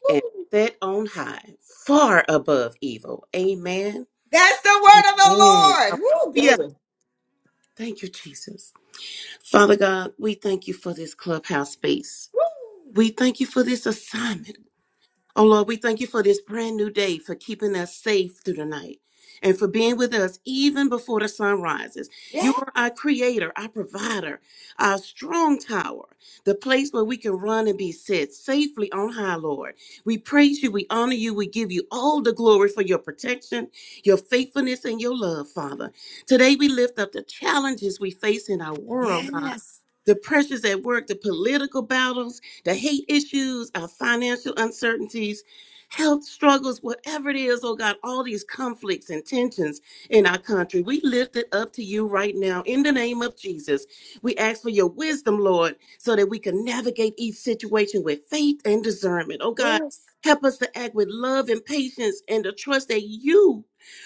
and set on high, far above evil. Amen.
That's the word of the
Amen.
Lord. Woo,
Hallelujah.
glory.
Thank you, Jesus. Father God, we thank you for this clubhouse space. We thank you for this assignment. Oh Lord, we thank you for this brand new day, for keeping us safe through the night, and for being with us even before the sun rises. You are our creator, our provider, our strong tower, the place where we can run and be set safely on high, Lord. We praise you, we honor you, we give you all the glory for your protection, your faithfulness, and your love, Father. Today we lift up the challenges we face in our world, God. The pressures at work, the political battles, the hate issues, our financial uncertainties, health struggles, whatever it is, oh God, all these conflicts and tensions in our country. We lift it up to you right now in the name of Jesus. We ask for your wisdom, Lord, so that we can navigate each situation with faith and discernment. Oh God, help us to act with love and patience and to trust that you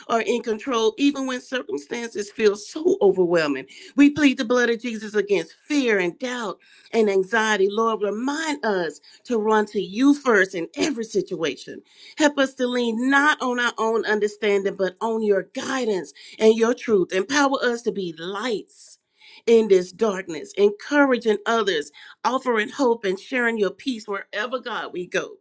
are in control even when circumstances feel so overwhelming. We plead the blood of Jesus against fear and doubt and anxiety, Lord, remind us to run to you first in every situation. Help us to lean not on our own understanding, but on your guidance and your truth. Empower us to be lights in this darkness, encouraging others, offering hope, and sharing your peace wherever, God, we go.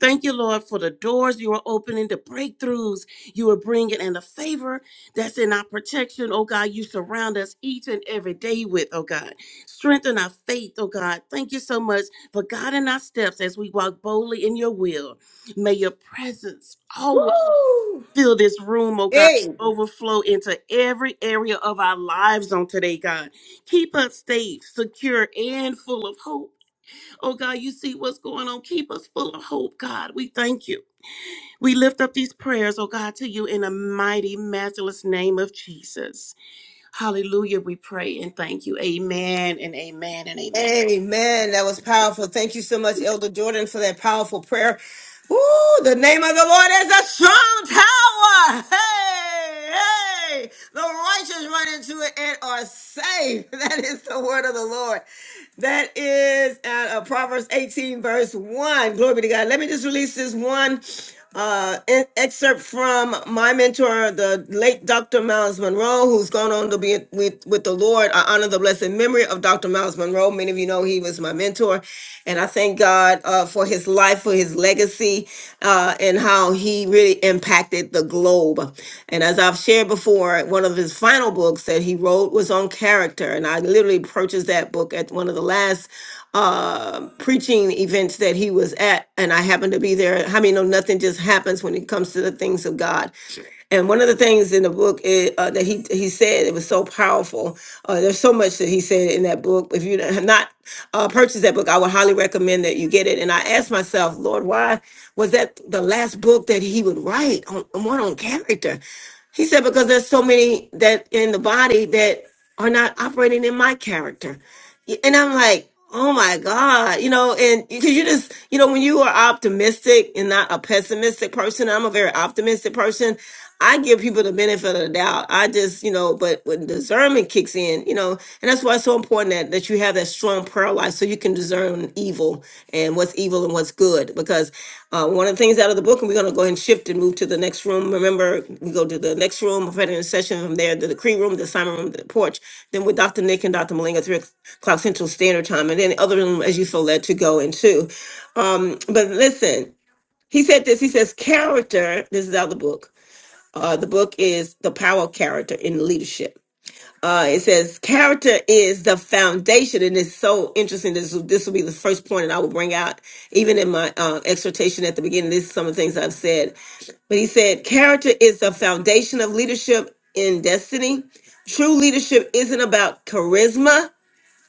Thank you, Lord, for the doors you are opening, the breakthroughs you are bringing, and the favor that's in our protection, oh God, you surround us each and every day with, oh God. Strengthen our faith, oh God. Thank you so much for guiding our steps as we walk boldly in your will. May your presence always
Woo!
fill this room, oh God.
Hey.
Overflow into every area of our lives on today, God. Keep us safe, secure, and full of hope. Oh God, you see what's going on. Keep us full of hope, God. We thank you. We lift up these prayers, oh God, to you in the mighty, matchless name of Jesus. Hallelujah, we pray and thank you. Amen and amen and amen.
Amen. That was powerful. Thank you so much,
Yeah.
Elder Jordan, for that powerful prayer. Ooh, the name of the Lord is a strong tower. Hey, hey. The righteous run into it and are safe. That is the word of the Lord. That is uh, uh, Proverbs 18, verse 1. Glory be to God. Let me just release this one uh, an excerpt from my mentor, the late Dr. Miles Monroe, who's gone on to be with, with the Lord. I honor the blessed memory of Dr. Miles Monroe. Many of you know he was my mentor, and I thank God uh, for his life, for his legacy, uh, and how he really impacted the globe. And as I've shared before, one of his final books that he wrote was on character, and I literally purchased that book at one of the last uh, preaching events that he was at, and I happened to be there. How many know nothing just happens when it comes to the things of God. And one of the things in the book is, uh, that he he said it was so powerful. Uh, there's so much that he said in that book. If you have not uh, purchased that book, I would highly recommend that you get it. And I asked myself, Lord, why was that the last book that he would write on one on character? He said, because there's so many that in the body that are not operating in my character. And I'm like, oh my God, you know, and because you just, you know, when you are optimistic and not a pessimistic person, I'm a very optimistic person. I give people the benefit of the doubt. I just, you know, but when discernment kicks in, you know, and that's why that's so important that, that you have that strong prayer life so you can discern evil and what's evil and what's good. Because uh, one of the things out of the book, and we're going to go ahead and shift and move to the next room. Remember, we go to the next room, prophetic intercession from there, the decree room, the assignment room, the porch. Then with Dr. Nick and Dr. Malinga, 3 o'clock Central Standard Time, and then the other room as you feel led to go into. Um, but listen, he said this. He says, character, this is out of the book. Uh, the book is The Power of Character in Leadership uh, it says character is the foundation and it's so interesting this this will be the first point that i will bring out even in my uh, exhortation at the beginning this is some of the things i've said but he said character is the foundation of leadership in destiny true leadership isn't about charisma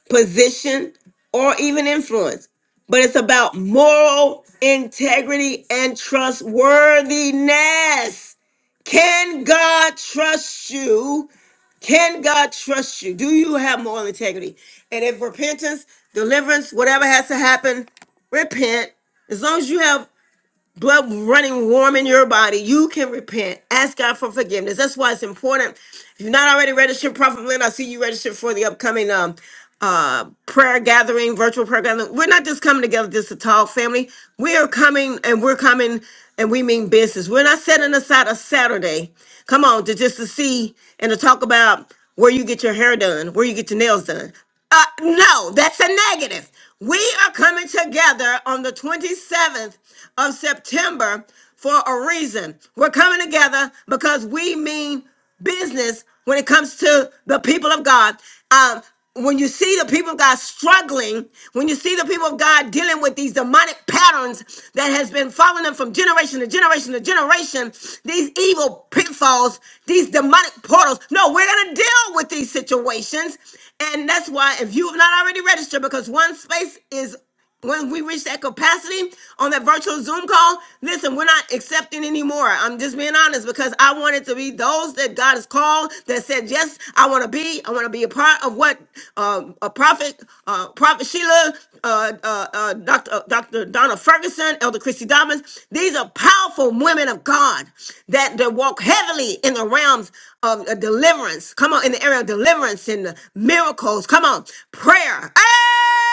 position or even influence but it's about moral integrity and trustworthiness can god trust you can God trust you? Do you have moral integrity? And if repentance, deliverance, whatever has to happen, repent. As long as you have blood running warm in your body, you can repent. Ask God for forgiveness. That's why it's important. If you're not already registered, Prophet Lynn, I see you registered for the upcoming um uh prayer gathering, virtual prayer gathering. We're not just coming together just to talk, family. We are coming and we're coming and we mean business. We're not setting aside a Saturday. Come on, to just to see and to talk about where you get your hair done, where you get your nails done. Uh, no, that's a negative. We are coming together on the 27th of September for a reason. We're coming together because we mean business when it comes to the people of God. Um, when you see the people of God struggling, when you see the people of God dealing with these demonic patterns that has been following them from generation to generation to generation, these evil pitfalls, these demonic portals. No, we're going to deal with these situations and that's why if you have not already registered, because one space is when we reach that capacity on that virtual Zoom call, listen, we're not accepting anymore. I'm just being honest because I want it to be those that God has called that said, yes, I want to be, I want to be a part of what uh, a prophet, uh, prophet Sheila, uh, uh, uh, Dr. uh, Dr. Donna Ferguson, Elder Christy Dobbins. These are powerful women of God that, that walk heavily in the realms of uh, deliverance. Come on, in the area of deliverance and miracles. Come on, prayer.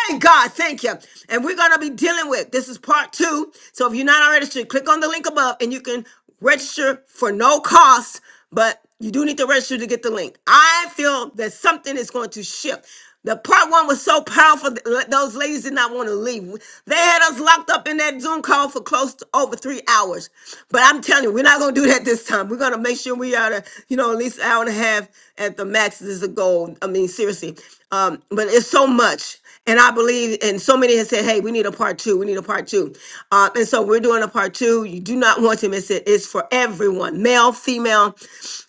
Hey, God, thank you. And we're going to be dealing with this is part two. So if you're not already registered, click on the link above and you can register for no cost, but you do need to register to get the link. I feel that something is going to shift. The part one was so powerful that le- those ladies did not want to leave. They had us locked up in that Zoom call for close to over three hours. But I'm telling you, we're not going to do that this time. We're going to make sure we are, to, you know, at least an hour and a half at the max is the goal i mean seriously um but it's so much and i believe and so many have said hey we need a part two we need a part two uh, and so we're doing a part two you do not want to miss it it's for everyone male female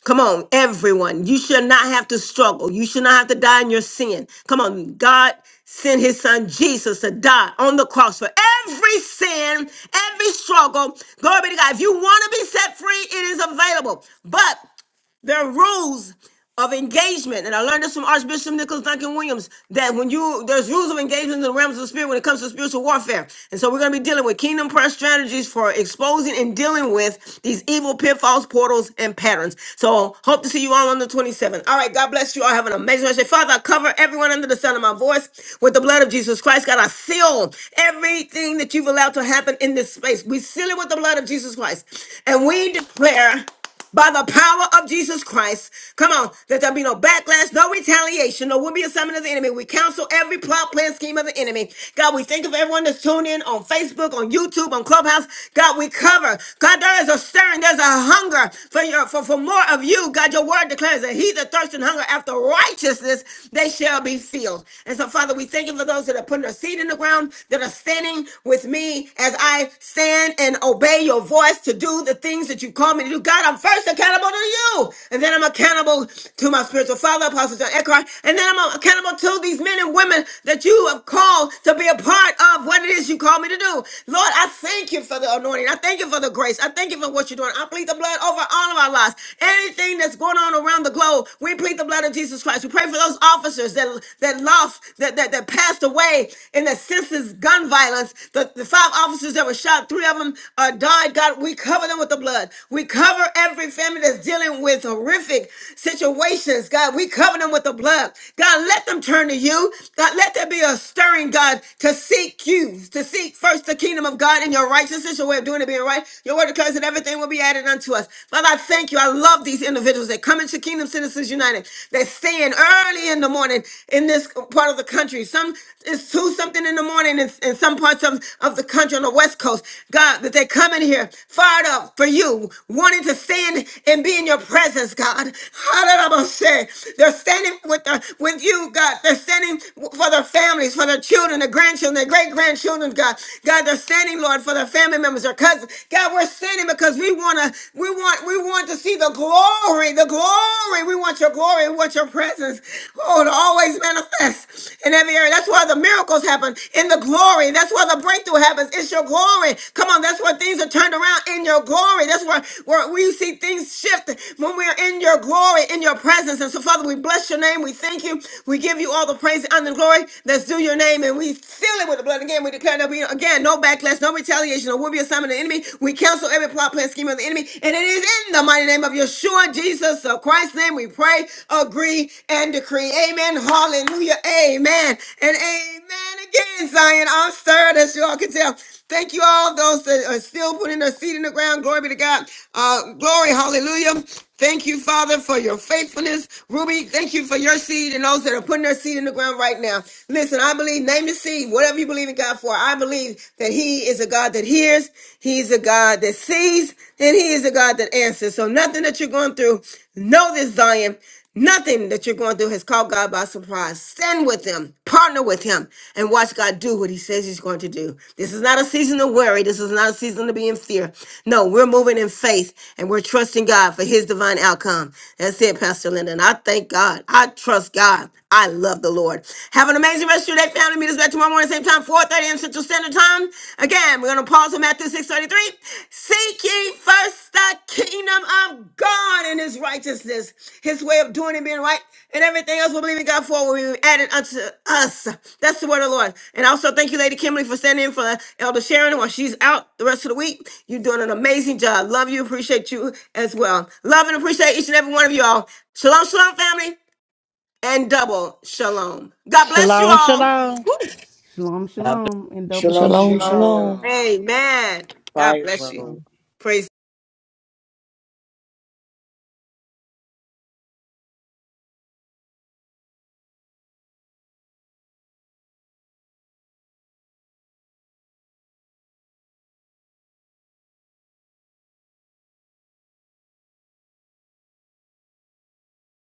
come on everyone you should not have to struggle you should not have to die in your sin come on god sent his son Jesus to die on the cross for every sin, every struggle. Glory be to God. If you want to be set free, it is available. But there are rules of engagement, and I learned this from Archbishop Nicholas Duncan Williams that when you there's rules of engagement in the realms of the spirit when it comes to spiritual warfare. And so we're going to be dealing with kingdom prayer strategies for exposing and dealing with these evil pitfalls, portals, and patterns. So hope to see you all on the 27th. All right, God bless you all. Have an amazing rest. of your- day. Father, I cover everyone under the sound of my voice with the blood of Jesus Christ. God, I seal everything that you've allowed to happen in this space. We seal it with the blood of Jesus Christ, and we declare by the power of Jesus Christ. Come on, let there be no backlash, no retaliation, no will be a summon of the enemy. We counsel every plot, plan, scheme of the enemy. God, we think of everyone that's tuned in on Facebook, on YouTube, on Clubhouse. God, we cover. God, there is a stirring, there's a hunger for your for, for more of you. God, your word declares that he that thirsts and hunger after righteousness, they shall be filled. And so, Father, we thank you for those that are putting their seed in the ground, that are standing with me as I stand and obey your voice to do the things that you call me to do. God, I'm first accountable to you. And then I'm accountable to my spiritual father, Apostle John Eckhart. And then I'm accountable to these men and women that you have called to be a part of what it is you call me to do. Lord, I thank you for the anointing. I thank you for the grace. I thank you for what you're doing. I plead the blood over all of our lives. Anything that's going on around the globe, we plead the blood of Jesus Christ. We pray for those officers that that lost, that that, that passed away in the system senseless gun violence. The, the five officers that were shot, three of them uh, died. God, we cover them with the blood. We cover every family that's dealing with horrific situations. God, we cover them with the blood. God, let them turn to you. God, let there be a stirring, God, to seek you, to seek first the kingdom of God and your righteousness, your way of doing it being right. Your word declares that everything will be added unto us. Father, I thank you. I love these individuals that come into Kingdom Citizens United. They stand early in the morning morning in this part of the country. Some it's two something in the morning in, in some parts of, of the country on the west coast. God, that they come in here fired up for you, wanting to stand and be in your presence, God. Hallelujah. They're standing with the, with you, God. They're standing for their families, for their children, their grandchildren, their great grandchildren, God. God, they're standing, Lord, for their family members, their cousins. God, we're standing because we wanna, we want, we want to see the glory, the glory glory. We want your glory. We want your presence. Oh, to always manifest in every area. That's why the miracles happen in the glory. That's why the breakthrough happens. It's your glory. Come on, that's where things are turned around in your glory. That's where, where we see things shift when we are in your glory, in your presence. And so, Father, we bless your name. We thank you. We give you all the praise and the glory that's due your name. And we seal it with the blood again. We declare that we again no backlash, no retaliation, or will be assignment of the enemy. We cancel every plot plan plan, scheme of the enemy. And it is in the mighty name of Yeshua, Jesus, of Christ's name, we pray, agree, and decree. Amen. Hallelujah. Amen. And amen again, Zion. I'm stirred, as you all can tell. Thank you all those that are still putting their seed in the ground. Glory be to God. Uh, glory. Hallelujah. Thank you, Father, for your faithfulness. Ruby, thank you for your seed and those that are putting their seed in the ground right now. Listen, I believe, name the seed, whatever you believe in God for. I believe that he is a God that hears, He's a God that sees, and He is a God that answers. So nothing that you're going through, know this, Zion. Nothing that you're going through has caught God by surprise. Stand with Him, partner with Him, and watch God do what He says He's going to do. This is not a season to worry. This is not a season to be in fear. No, we're moving in faith and we're trusting God for His divine outcome. That's it, Pastor Linda. And I thank God. I trust God. I love the Lord. Have an amazing rest. of bless you. That family meet us back tomorrow morning, same time, four thirty 30 a.m. Central Standard Time. Again, we're going to pause on Matthew 6 33. Seek ye first the kingdom of God and his righteousness, his way of doing and being right, and everything else we believe in God for will be added unto us. That's the word of the Lord. And also, thank you, Lady Kimberly, for standing in for Elder Sharon while she's out the rest of the week. You're doing an amazing job. Love you. Appreciate you as well. Love and appreciate each and every one of you all. Shalom, shalom, family and double shalom. God bless you
Shalom,
all.
shalom.
Woo.
Shalom,
Uh,
shalom, and double
Shalom,
Shalom,
shalom.
Shalom,
shalom.
shalom.
shalom.
Amen. God
Fire
bless you.
room.
Praise